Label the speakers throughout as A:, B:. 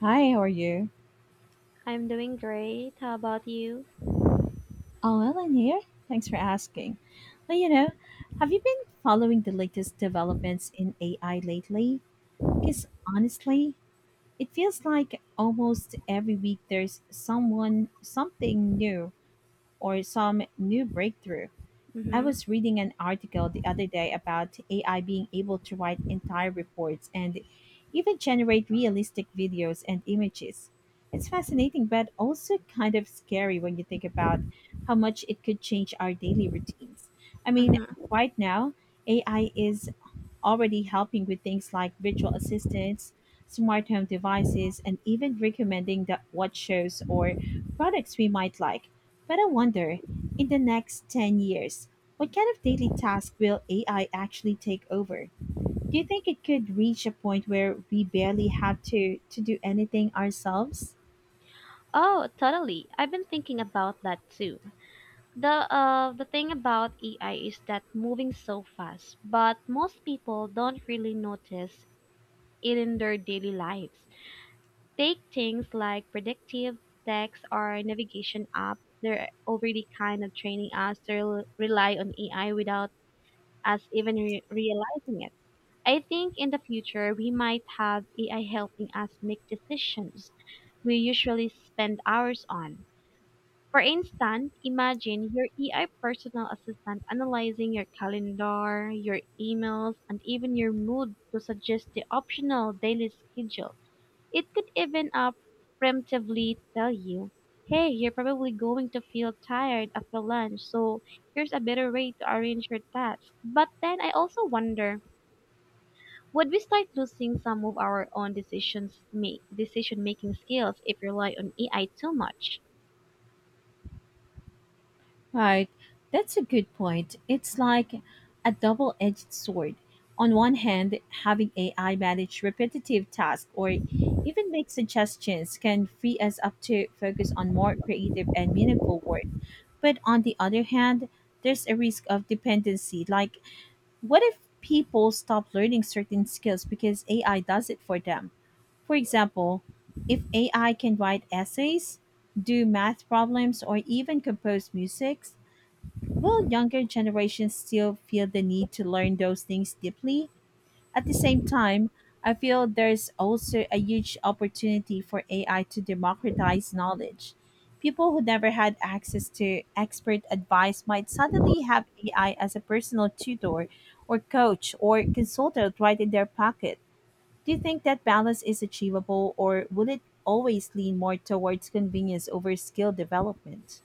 A: Hi, how are you?
B: I'm doing great. How about you?
A: Oh, well, I'm here. Thanks for asking. Well, have you been following the latest developments in AI lately? Because honestly, it feels like almost every week there's something new, or some new breakthrough. I
B: Mm-hmm.
A: was reading an article the other day about AI being able to write entire reports and even generate realistic videos and images. It's fascinating, but also kind of scary when you think about how much it could change our daily routines. I mean,
B: Mm-hmm.
A: right now, AI is already helping with things like virtual assistants, smart home devices, and even recommending that what shows or products we might like. But I wonder, in the next 10 years, what kind of daily task will AI actually take over? Do you think it could reach a point where we barely have to do anything ourselves?
B: Oh, totally. I've been thinking about that too. The thing about AI is that moving so fast, but most people don't really notice it in their daily lives. Take things like predictive text or navigation apps. They're already kind of training us to rely on AI without us even realizing it. I think in the future we might have AI helping us make decisions we usually spend hours on. For instance, imagine your AI personal assistant analyzing your calendar, your emails, and even your mood to suggest the optional daily schedule. It could even preemptively tell you, hey, you're probably going to feel tired after lunch, so here's a better way to arrange your tasks. But then I also wonder, would we start losing some of our own decision making skills if we rely on AI too much?
A: Right, that's a good point. It's like a double edged sword. On one hand, having AI manage repetitive tasks or even make suggestions can free us up to focus on more creative and meaningful work. But on the other hand, there's a risk of dependency. Like, what if people stop learning certain skills because AI does it for them? For example, if AI can write essays, do math problems, or even compose music, will younger generations still feel the need to learn those things deeply? At the same time, I feel there's also a huge opportunity for AI to democratize knowledge. People who never had access to expert advice might suddenly have AI as a personal tutor or coach or consultant right in their pocket. Do you think that balance is achievable or will it always lean more towards convenience over skill development?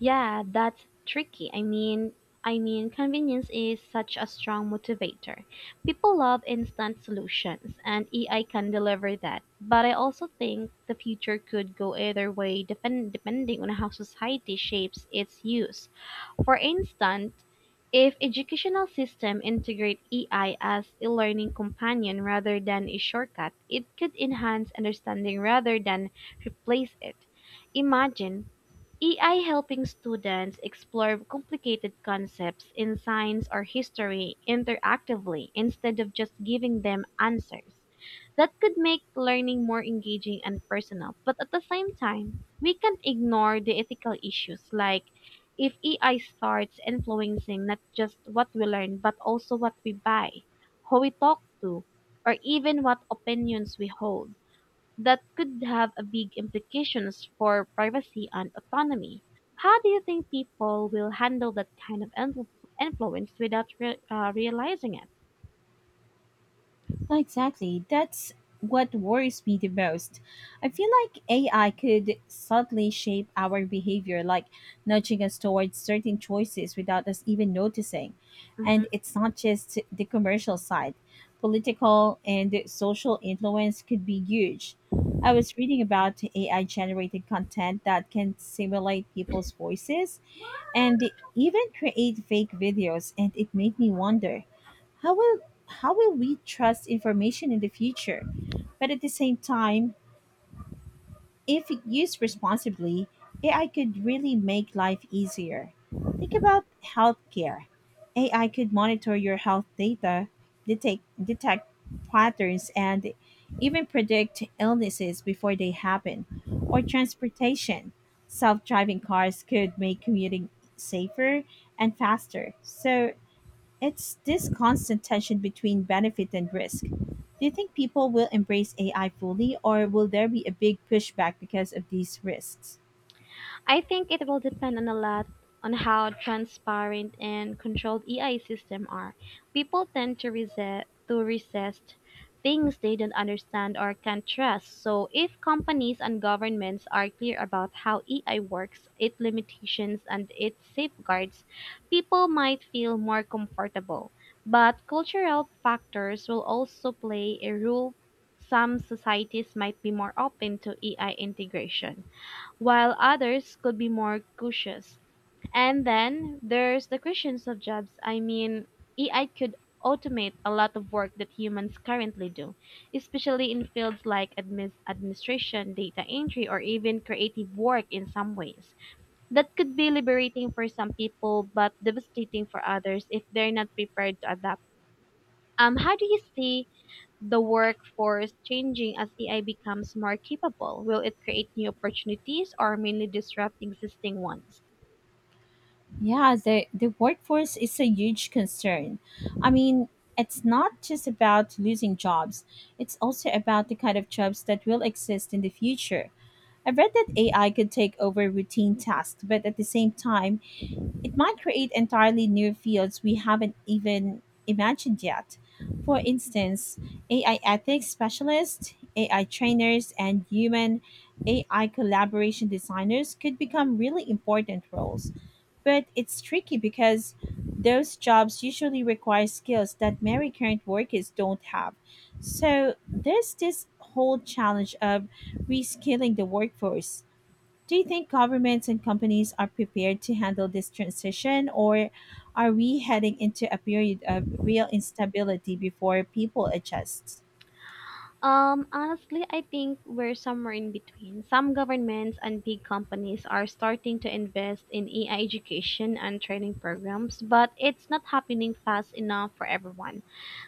B: Yeah, that's tricky. I mean, convenience is such a strong motivator. People love instant solutions, and AI can deliver that. But I also think the future could go either way, depending on how society shapes its use. For instance, if educational systems integrate AI as a learning companion rather than a shortcut, it could enhance understanding rather than replace it. Imagine AI helping students explore complicated concepts in science or history interactively instead of just giving them answers. That could make learning more engaging and personal, but at the same time, we can't ignore the ethical issues like if AI starts influencing not just what we learn, but also what we buy, who we talk to, or even what opinions we hold, that could have a big implications for privacy and autonomy. How do you think people will handle that kind of influence without realizing it?
A: Exactly. That's what worries me the most. I feel like AI could subtly shape our behavior, like nudging us towards certain choices without us even noticing.
B: Mhm.
A: And it's not just the commercial side, political and social influence could be huge. I was reading about AI generated content that can simulate people's voices and even create fake videos, and it made me wonder how will how will we trust information in the future? But at the same time, if used responsibly, AI could really make life easier. Think about healthcare. AI could monitor your health data, detect patterns and even predict illnesses before they happen. Or transportation. Self-driving cars could make commuting safer and faster. So it's this constant tension between benefit and risk. Do you think people will embrace AI fully, or will there be a big pushback because of these risks?
B: I think it will depend on a lot on how transparent and controlled AI systems are. People tend to resist things they don't understand or can't trust. So if companies and governments are clear about how AI works, its limitations and its safeguards, people might feel more comfortable. But cultural factors will also play a role. Some societies might be more open to AI integration while others could be more cautious. And then there's the creations of jobs. I mean, AI could automate a lot of work that humans currently do, especially in fields like administration, data entry, or even creative work in some ways. That could be liberating for some people, but devastating for others if they're not prepared to adapt. How do you see the workforce changing as AI becomes more capable? Will it create new opportunities or mainly disrupt existing ones?
A: Yeah, the workforce is a huge concern. I mean, it's not just about losing jobs, it's also about the kind of jobs that will exist in the future. I've read that AI could take over routine tasks, but at the same time, it might create entirely new fields we haven't even imagined yet. For instance, AI ethics specialists, AI trainers, and human AI collaboration designers could become really important roles. But it's tricky because those jobs usually require skills that many current workers don't have. So there's this whole challenge of reskilling the workforce. Do you think governments and companies are prepared to handle this transition, or are we heading into a period of real instability before people adjust?
B: Honestly, I think we're somewhere in between. Some governments and big companies are starting to invest in AI education and training programs, but it's not happening fast enough for everyone.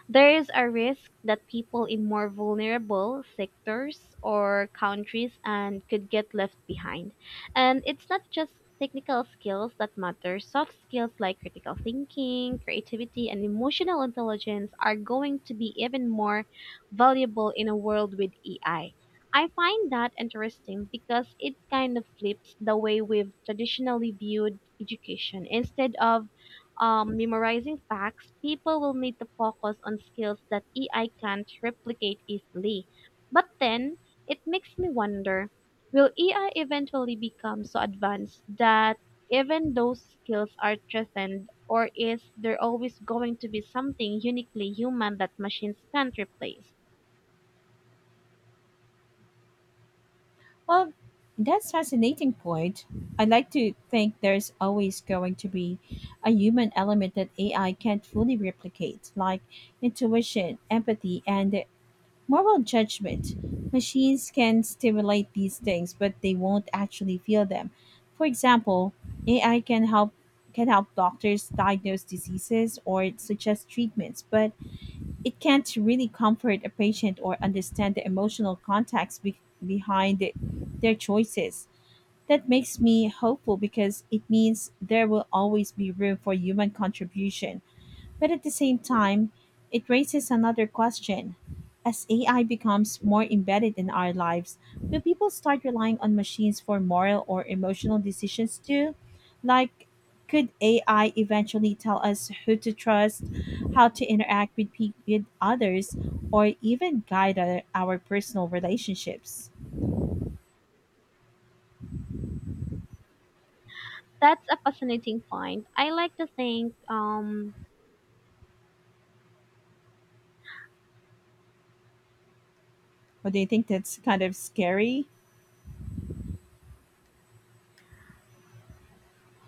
B: There is a risk that people in more vulnerable sectors or countries and could get left behind. And it's not just technical skills that matter. Soft skills like critical thinking, creativity, and emotional intelligence are going to be even more valuable in a world with AI. I find that interesting because it kind of flips the way we've traditionally viewed education. Instead of memorizing facts, people will need to focus on skills that AI can't replicate easily. But then, it makes me wonder, will AI eventually become so advanced that even those skills are threatened, or is there always going to be something uniquely human that machines can't replace?
A: Well, that's fascinating point. I like to think there's always going to be a human element that AI can't fully replicate, like intuition, empathy, and moral judgment. Machines can stimulate these things, but they won't actually feel them. For example, AI can help doctors diagnose diseases or suggest treatments, but it can't really comfort a patient or understand the emotional behind their choices. That makes me hopeful because it means there will always be room for human contribution. But at the same time, it raises another question. As AI becomes more embedded in our lives, will people start relying on machines for moral or emotional decisions too? Like, could AI eventually tell us who to trust, how to interact with others, or even guide our personal relationships?
B: That's a fascinating point. I like to think
A: Or do you think that's kind of scary?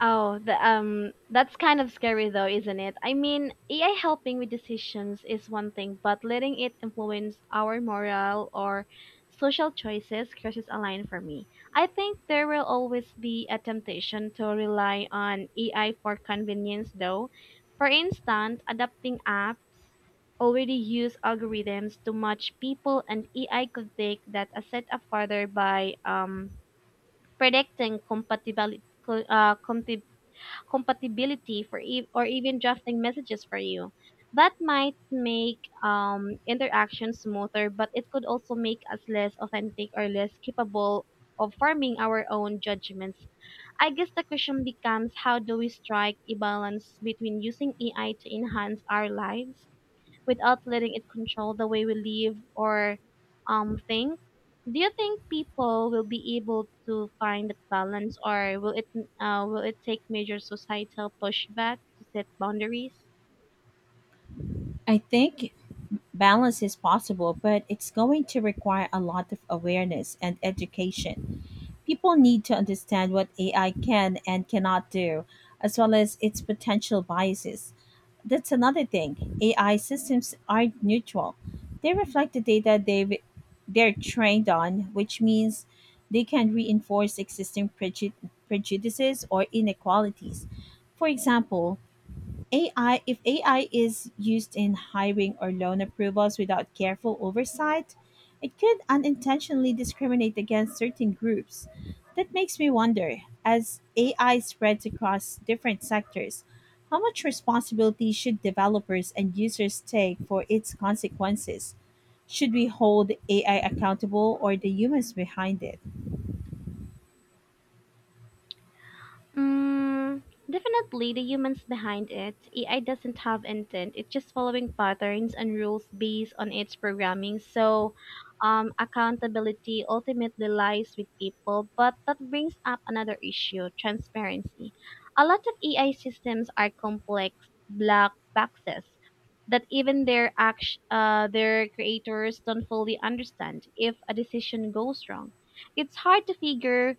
B: oh, that's kind of scary though, isn't it? I mean, AI helping with decisions is one thing, but letting it influence our moral or social choices crosses a line for me. I think there will always be a temptation to rely on AI for convenience though. For instance, adapting apps already use algorithms to match people and AI could take that a step further by predicting uh, compatibility compatibility for or even drafting messages for you. That might make interaction smoother, but it could also make us less authentic or less capable of forming our own judgments. I guess the question becomes, how do we strike a balance between using AI to enhance our lives without letting it control the way we live or think, do you think people will be able to find that balance, or will it take major societal pushback to set boundaries?
A: I think balance is possible, but it's going to require a lot of awareness and education. People need to understand what AI can and cannot do, as well as its potential biases. That's another thing. AI systems aren't neutral. They reflect they're trained on, which means they can reinforce prejudices or inequalities. For example, if AI is used in hiring or loan approvals without careful oversight, it could unintentionally discriminate against certain groups. That makes me wonder, as AI spreads across different sectors, how much responsibility should developers and users take for its consequences? Should we hold AI accountable or the humans behind it?
B: Mm, definitely the humans behind it. AI doesn't have intent. It's just following patterns and rules based on its programming. So, accountability ultimately lies with people. But that brings up another issue: transparency. A lot of AI systems are complex black boxes that even their their creators don't fully understand. If a decision goes wrong, it's hard to figure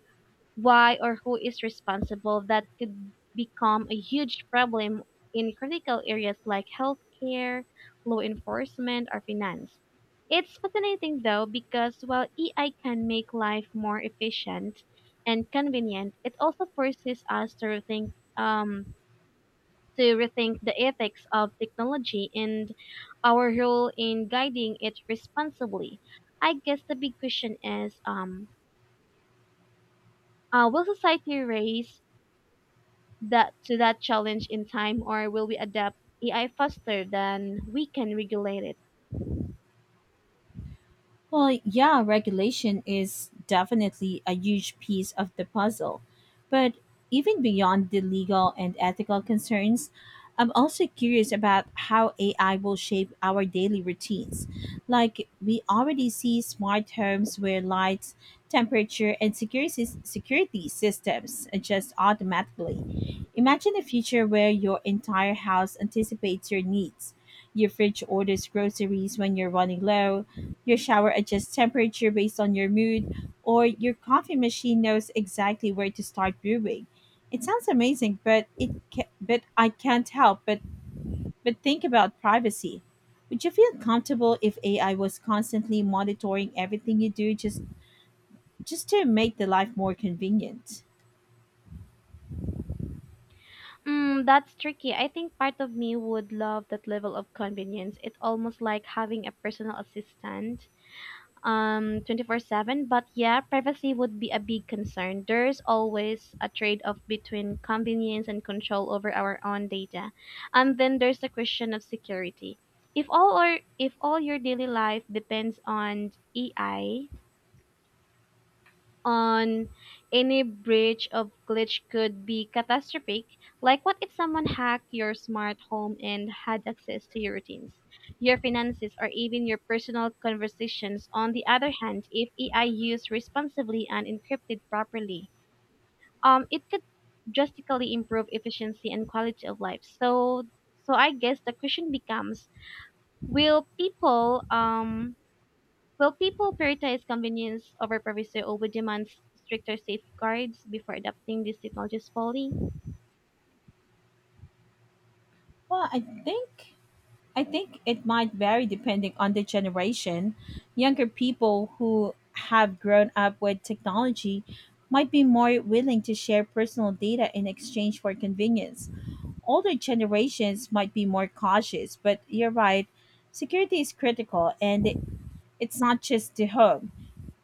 B: why or who is responsible. That could become a huge problem in critical areas like healthcare, law enforcement, or finance. It's fascinating though because while AI can make life more efficient and convenient, it also forces us to rethink the ethics of technology and our role in guiding it responsibly. I guess the big question is will society raise that challenge in time, or will we adapt AI faster than we can regulate it?
A: Well, yeah, regulation is definitely a huge piece of the puzzle. But even beyond the legal and ethical concerns, I'm also curious about how AI will shape our daily routines. Like, we already see smart homes where lights, temperature, and security systems adjust automatically. Imagine a future where your entire house anticipates your needs. Your fridge orders groceries when you're running low, your shower adjusts temperature based on your mood, or your coffee machine knows exactly where to start brewing. It sounds amazing, but I can't help but think about privacy. Would you feel comfortable if AI was constantly monitoring everything you do just to make the life more convenient?
B: Mm, that's tricky. I think part of me would love that level of convenience. It's almost like having a personal assistant 24/7, but yeah, privacy would be a big concern. There's always a trade-off between convenience and control over our own data. And then there's the question of security. If all your daily life depends on AI, on any breach of glitch could be catastrophic. Like, what if someone hacked your smart home and had access to your routines, your finances, or even your personal conversations? On the other hand, if AI used responsibly and encrypted properly, it could drastically improve efficiency and quality of life. So, I guess the question becomes, Will people um will people prioritize convenience over privacy, or would demand stricter safeguards before adopting these technologies fully?
A: Well, I think it might vary depending on the generation. Younger people who have grown up with technology might be more willing to share personal data in exchange for convenience. Older generations might be more cautious, but you're right, security is critical and it's not just the home.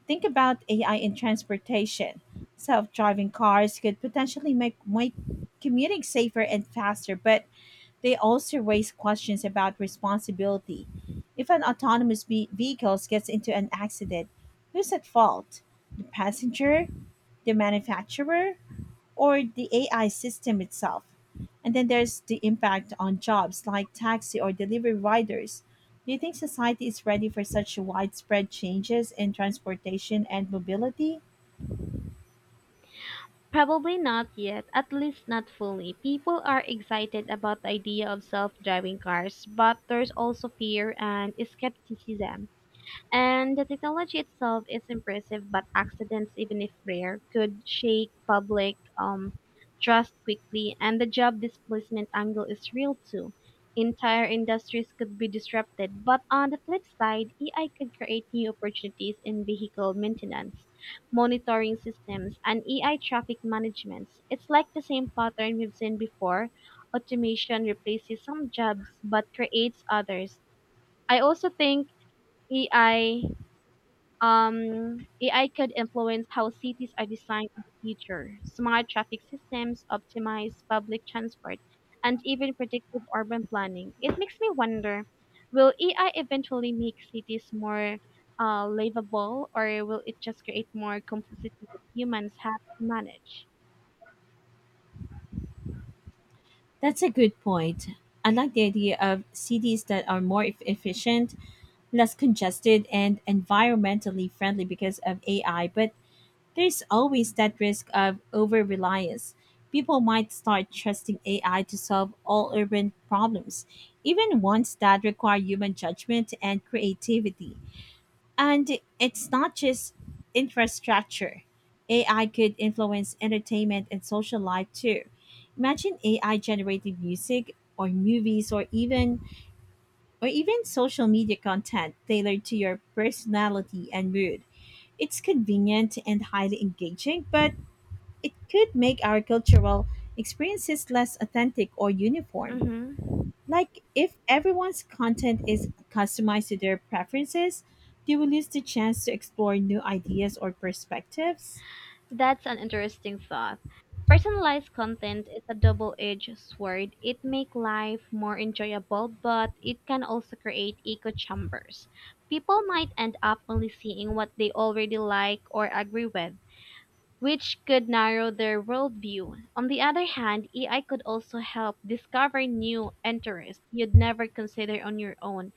A: Think about AI in transportation. Self driving cars could potentially make commuting safer and faster, but they also raise questions about responsibility. If an vehicle gets into an accident, who's at fault? The passenger, the manufacturer, or the AI system itself? And then there's the impact on jobs like taxi or delivery riders. Do you think society is ready for such widespread changes in transportation and mobility?
B: Probably not yet, at least not fully. People are excited about the idea of self driving cars, but there's also fear and skepticism. And the technology itself is impressive, but accidents, even if rare, could shake public trust quickly. And the job displacement angle is real too. Entire industries could be disrupted. But on the flip side, AI could create new opportunities in vehicle maintenance, monitoring systems, and AI traffic management. It's like the same pattern we've seen before. Automation replaces some jobs but creates others. I also think AI um, AI could influence how cities are designed in the future. Smart traffic systems, optimized public transport, and even predictive urban planning. It makes me wonder, will AI eventually make cities more livable, or will it just create more complexity that humans have to manage?
A: That's a good point. I like the idea of cities that are efficient, less congested and environmentally friendly because of AI, but there's always that risk of over reliance. People might start trusting AI to solve all urban problems, even ones that require human judgment and creativity. And it's not just infrastructure, AI could influence entertainment and social life too. Imagine AI generated music or movies or even social media content tailored to your personality and mood. It's convenient and highly engaging, but it could make our cultural experiences less authentic or uniform.
B: Mm-hmm.
A: Like, if everyone's content is customized to their preferences, do we lose the chance to explore new ideas or perspectives?
B: That's an interesting thought. Personalized content is a double-edged sword. It makes life more enjoyable, but it can also create echo chambers. People might end up only seeing what they already like or agree with, which could narrow their worldview. On the other hand, AI could also help discover new interests you'd never consider on your own.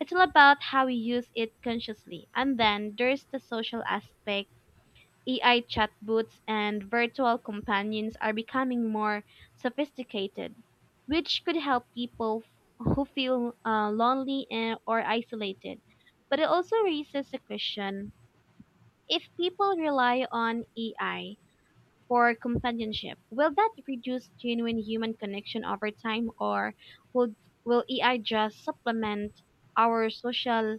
B: It's all about how we use it consciously. And then there's the social aspect. AI chatbots and virtual companions are becoming more sophisticated, which could help people who feel lonely and, or isolated. But it also raises a question, if people rely on AI for companionship, will that reduce genuine human connection over time, or will, will AI just supplement our social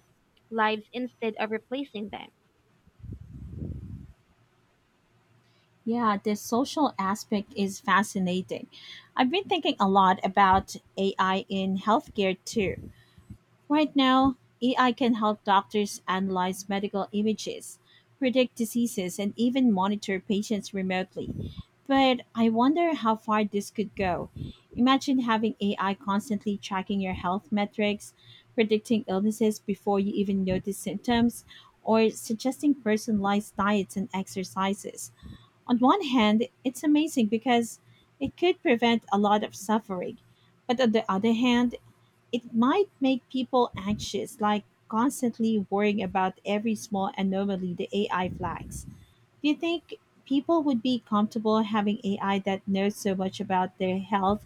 B: lives instead of replacing them?
A: Yeah, the social aspect is fascinating. I've been thinking a lot about AI in healthcare too. Right now, AI can help doctors analyze medical images, predict diseases, and even monitor patients remotely. But I wonder how far this could go. Imagine having AI constantly tracking your health metrics, predicting illnesses before you even notice symptoms, or suggesting personalized diets and exercises. On one hand, it's amazing because it could prevent a lot of suffering. But on the other hand, it might make people anxious, like constantly worrying about every small anomaly the AI flags. Do you think people would be comfortable having AI that knows so much about their health,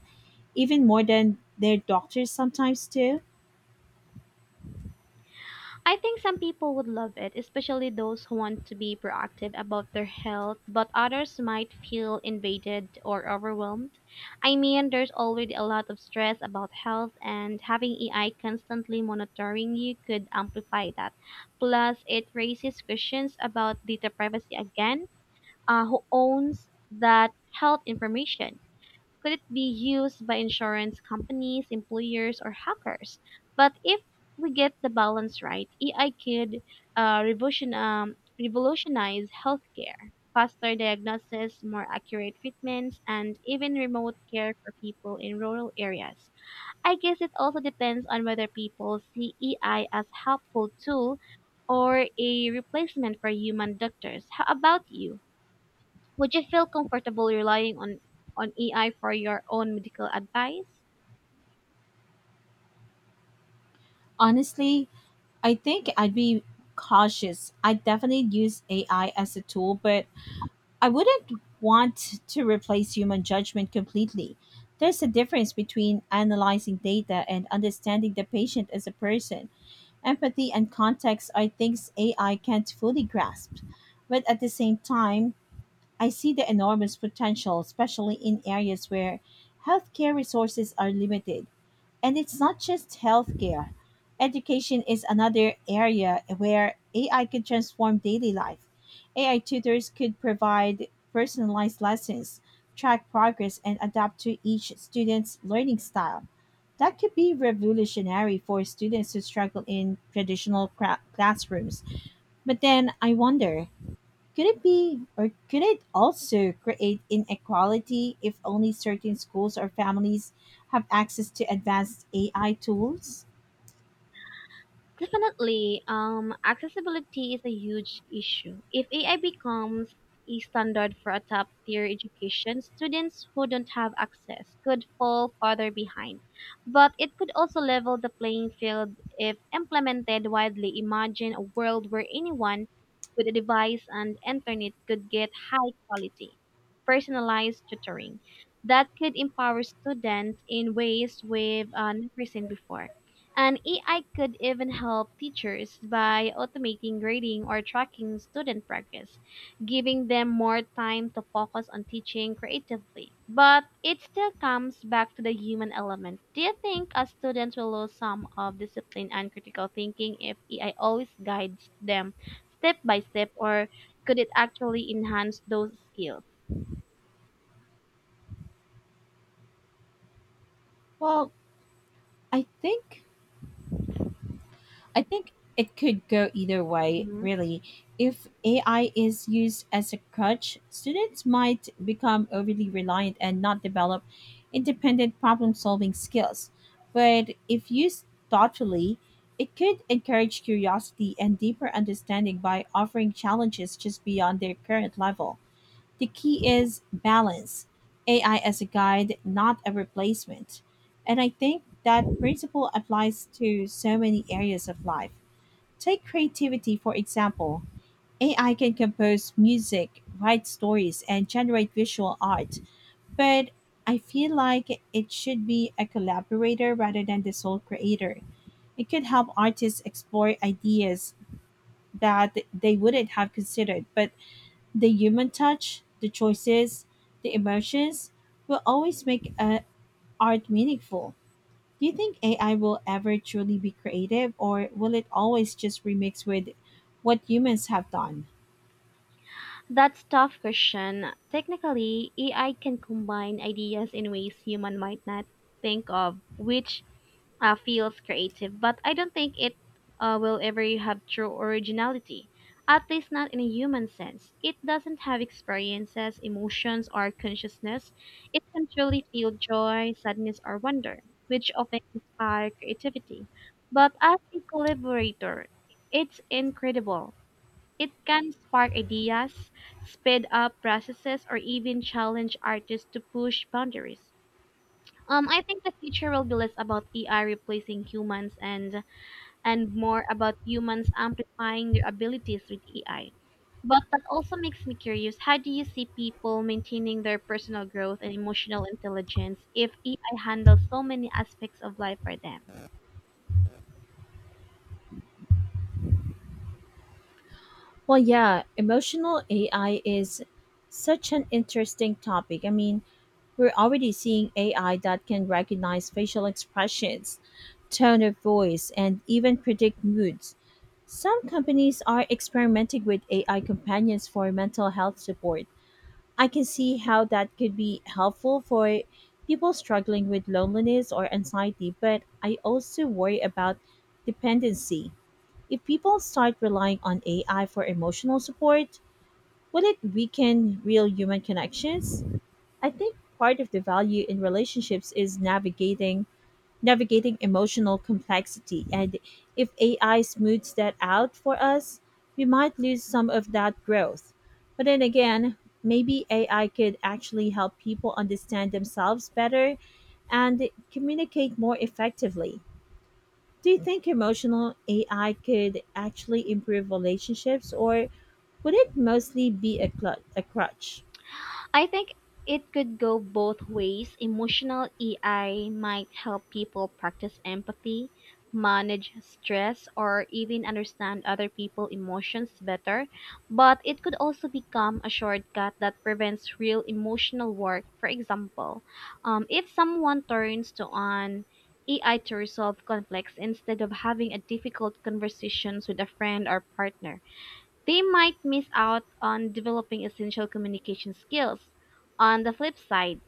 A: even more than their doctors sometimes do?
B: I think some people would love it, especially those who want to be proactive about their health, but others might feel invaded or overwhelmed. I mean, there's already a lot of stress about health, and having AI constantly monitoring you could amplify that. Plus, it raises questions about data privacy again. Who owns that health information? Could it be used by insurance companies, employers, or hackers? But if we get the balance right, AI could revolutionize healthcare. Faster diagnosis, more accurate treatments, and even remote care for people in rural areas. I guess it also depends on whether people see AI as helpful tool or a replacement for human doctors. How about you? Would you feel comfortable relying on AI for your own medical advice?
A: Honestly, I think I'd be cautious. I'd definitely use AI as a tool, but I wouldn't want to replace human judgment completely. There's a difference between analyzing data and understanding the patient as a person. Empathy and context are things AI can't fully grasp. But at the same time, I see the enormous potential, especially in areas where healthcare resources are limited. And it's not just healthcare. Education is another area where AI could transform daily life. AI tutors could provide personalized lessons, track progress, and adapt to each student's learning style. That could be revolutionary for students who struggle in classrooms. But then I wonder, could it also create inequality if only certain schools or families have access to advanced AI tools?
B: Definitely, accessibility is a huge issue. If AI becomes a standard for a top tier education, students who don't have access could fall farther behind. But it could also level the playing field if implemented widely. Imagine a world where anyone with a device and internet could get high quality, personalized tutoring that could empower students in ways we've never seen before. An AI could even help teachers by automating grading or tracking student progress, giving them more time to focus on teaching creatively. But it still comes back to the human element. Do you think a student will lose some of discipline and critical thinking if AI always guides them step by step, or could it actually enhance those skills?
A: Well, I think I think it could go either way,
B: Mhm.
A: really. If AI is used as a crutch, students might become overly reliant and not develop independent problem solving skills. But if used thoughtfully, it could encourage curiosity and deeper understanding by offering challenges just beyond their current level. The key is balance. AI as a guide, not a replacement. And I think that principle applies to so many areas of life. Take creativity, for example. AI can compose music, write stories, and generate visual art, but I feel like it should be a collaborator rather than the sole creator. It could help artists explore ideas that they wouldn't have considered, but the human touch, the choices, the emotions will always make art meaningful. Do you think AI will ever truly be creative, or will it always just remix with what humans have done?
B: That's tough question. Technically, AI can combine ideas in ways human might not think of, which feels creative, but I don't think it will ever have true originality. At least not in a human sense. It doesn't have experiences, emotions, or consciousness. It can truly feel joy, sadness, or wonder, which often inspire creativity. But as a collaborator, it's incredible. It can spark ideas, speed up processes, or even challenge artists to push boundaries. I think the future will be less about AI replacing humans and more about humans amplifying their abilities with AI. But that also makes me curious. How do you see people maintaining their personal growth and emotional intelligence if AI handles so many aspects of life for them?
A: Well, yeah, emotional AI is such an interesting topic. I mean, we're already seeing AI that can recognize facial expressions, tone of voice, and even predict moods. Some companies are experimenting with AI companions for mental health support. I can see how that could be helpful for people struggling with loneliness or anxiety, but I also worry about dependency. If people start relying on AI for emotional support, will it weaken real human connections? I think part of the value in relationships is navigating emotional complexity. And if AI smooths that out for us, we might lose some of that growth. But then again, maybe AI could actually help people understand themselves better and communicate more effectively. Do you think emotional AI could actually improve relationships, or would it mostly be a crutch?
B: I think it could go both ways. Emotional EI might help people practice empathy, manage stress, or even understand other people's emotions better, but it could also become a shortcut that prevents real emotional work. For example, if someone turns to an AI to resolve conflicts instead of having a difficult conversations with a friend or partner, they might miss out on developing essential communication skills. On the flip side,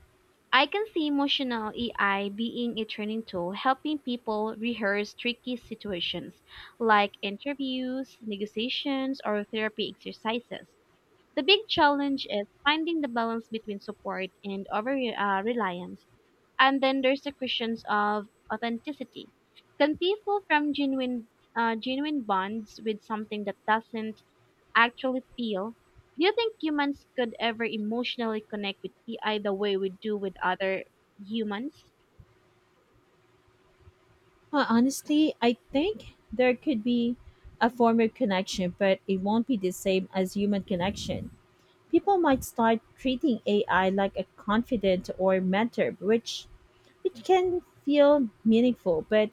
B: I can see emotional AI being a training tool helping people rehearse tricky situations like interviews, negotiations, or therapy exercises. The big challenge is finding the balance between support and over reliance. And then there's the questions of authenticity. Can people from genuine bonds with something that doesn't actually feel. Do you think humans could ever emotionally connect with AI the way we do with other humans?
A: Well, honestly, I think there could be a form of connection, but it won't be the same as human connection. People might start treating AI like a confidant or mentor, which can feel meaningful, but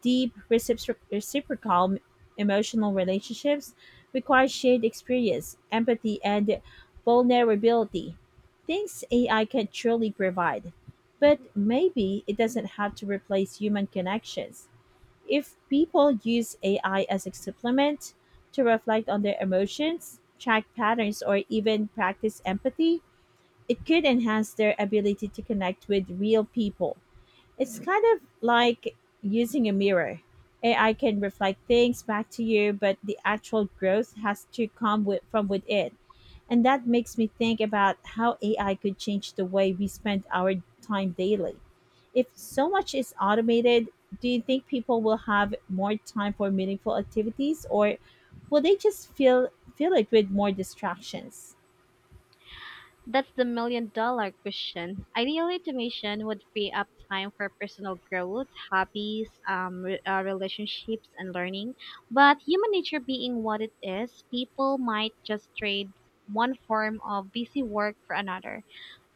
A: deep reciprocal emotional relationships require shared experience, empathy, and vulnerability. Things AI can truly provide, but maybe it doesn't have to replace human connections. If people use AI as a supplement to reflect on their emotions, track patterns, or even practice empathy, it could enhance their ability to connect with real people. It's kind of like using a mirror. AI can reflect things back to you, but the actual growth has to come with, from within. And that makes me think about how AI could change the way we spend our time daily. If so much is automated, do you think people will have more time for meaningful activities, or will they just feel fill it with more distractions?
B: That's the million-dollar question. Ideally, automation would free up time for personal growth, hobbies, relationships, and learning. But human nature being what it is, people might just trade one form of busy work for another.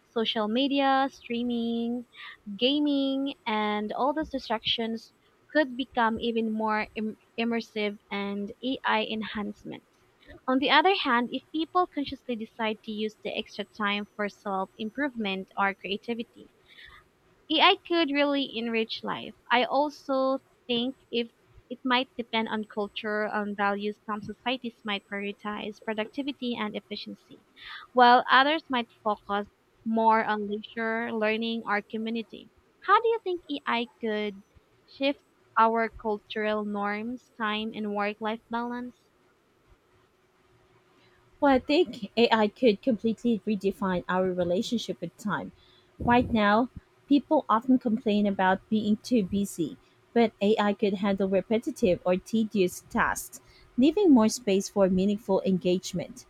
B: Social media, streaming, gaming, and all those distractions could become even more immersive and AI enhancement. On the other hand, if people consciously decide to use the extra time for self improvement or creativity, AI could really enrich life. I also think if it might depend on culture, on values. Some societies might prioritize productivity and efficiency, while others might focus more on leisure, learning, or community. How do you think AI could shift our cultural norms, time, and work life balance?
A: Well, I think AI could completely redefine our relationship with time. Right now, people often complain about being too busy, but AI could handle repetitive or tedious tasks, leaving more space for meaningful engagement.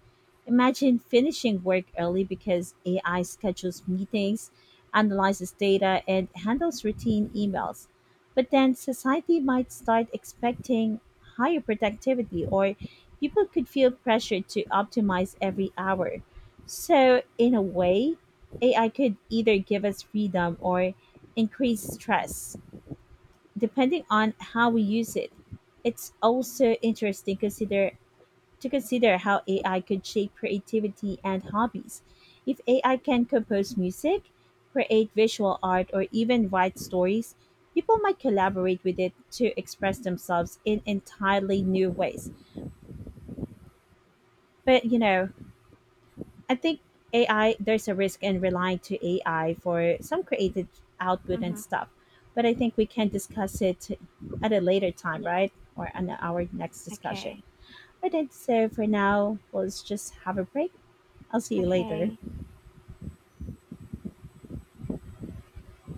A: Imagine finishing work early because AI schedules meetings, analyzes data, and handles routine emails. But then society might start expecting higher productivity, or people could feel pressure to optimize every hour. So, in a way, AI could either give us freedom or increase stress, depending on how we use it. It's also interesting consider to consider how AI could shape creativity and hobbies. If AI can compose music, create visual art, or even write stories, people might collaborate with it to express themselves in entirely new ways. But you know, I think there's a risk in relying to AI for some creative output and
B: Mm-hmm.
A: stuff, but I think we can discuss it at a later time,
B: Yeah,
A: right? Or on our next discussion.
B: okay.
A: But then, so for now, let's just have a break. I'll see you later.
B: Okay.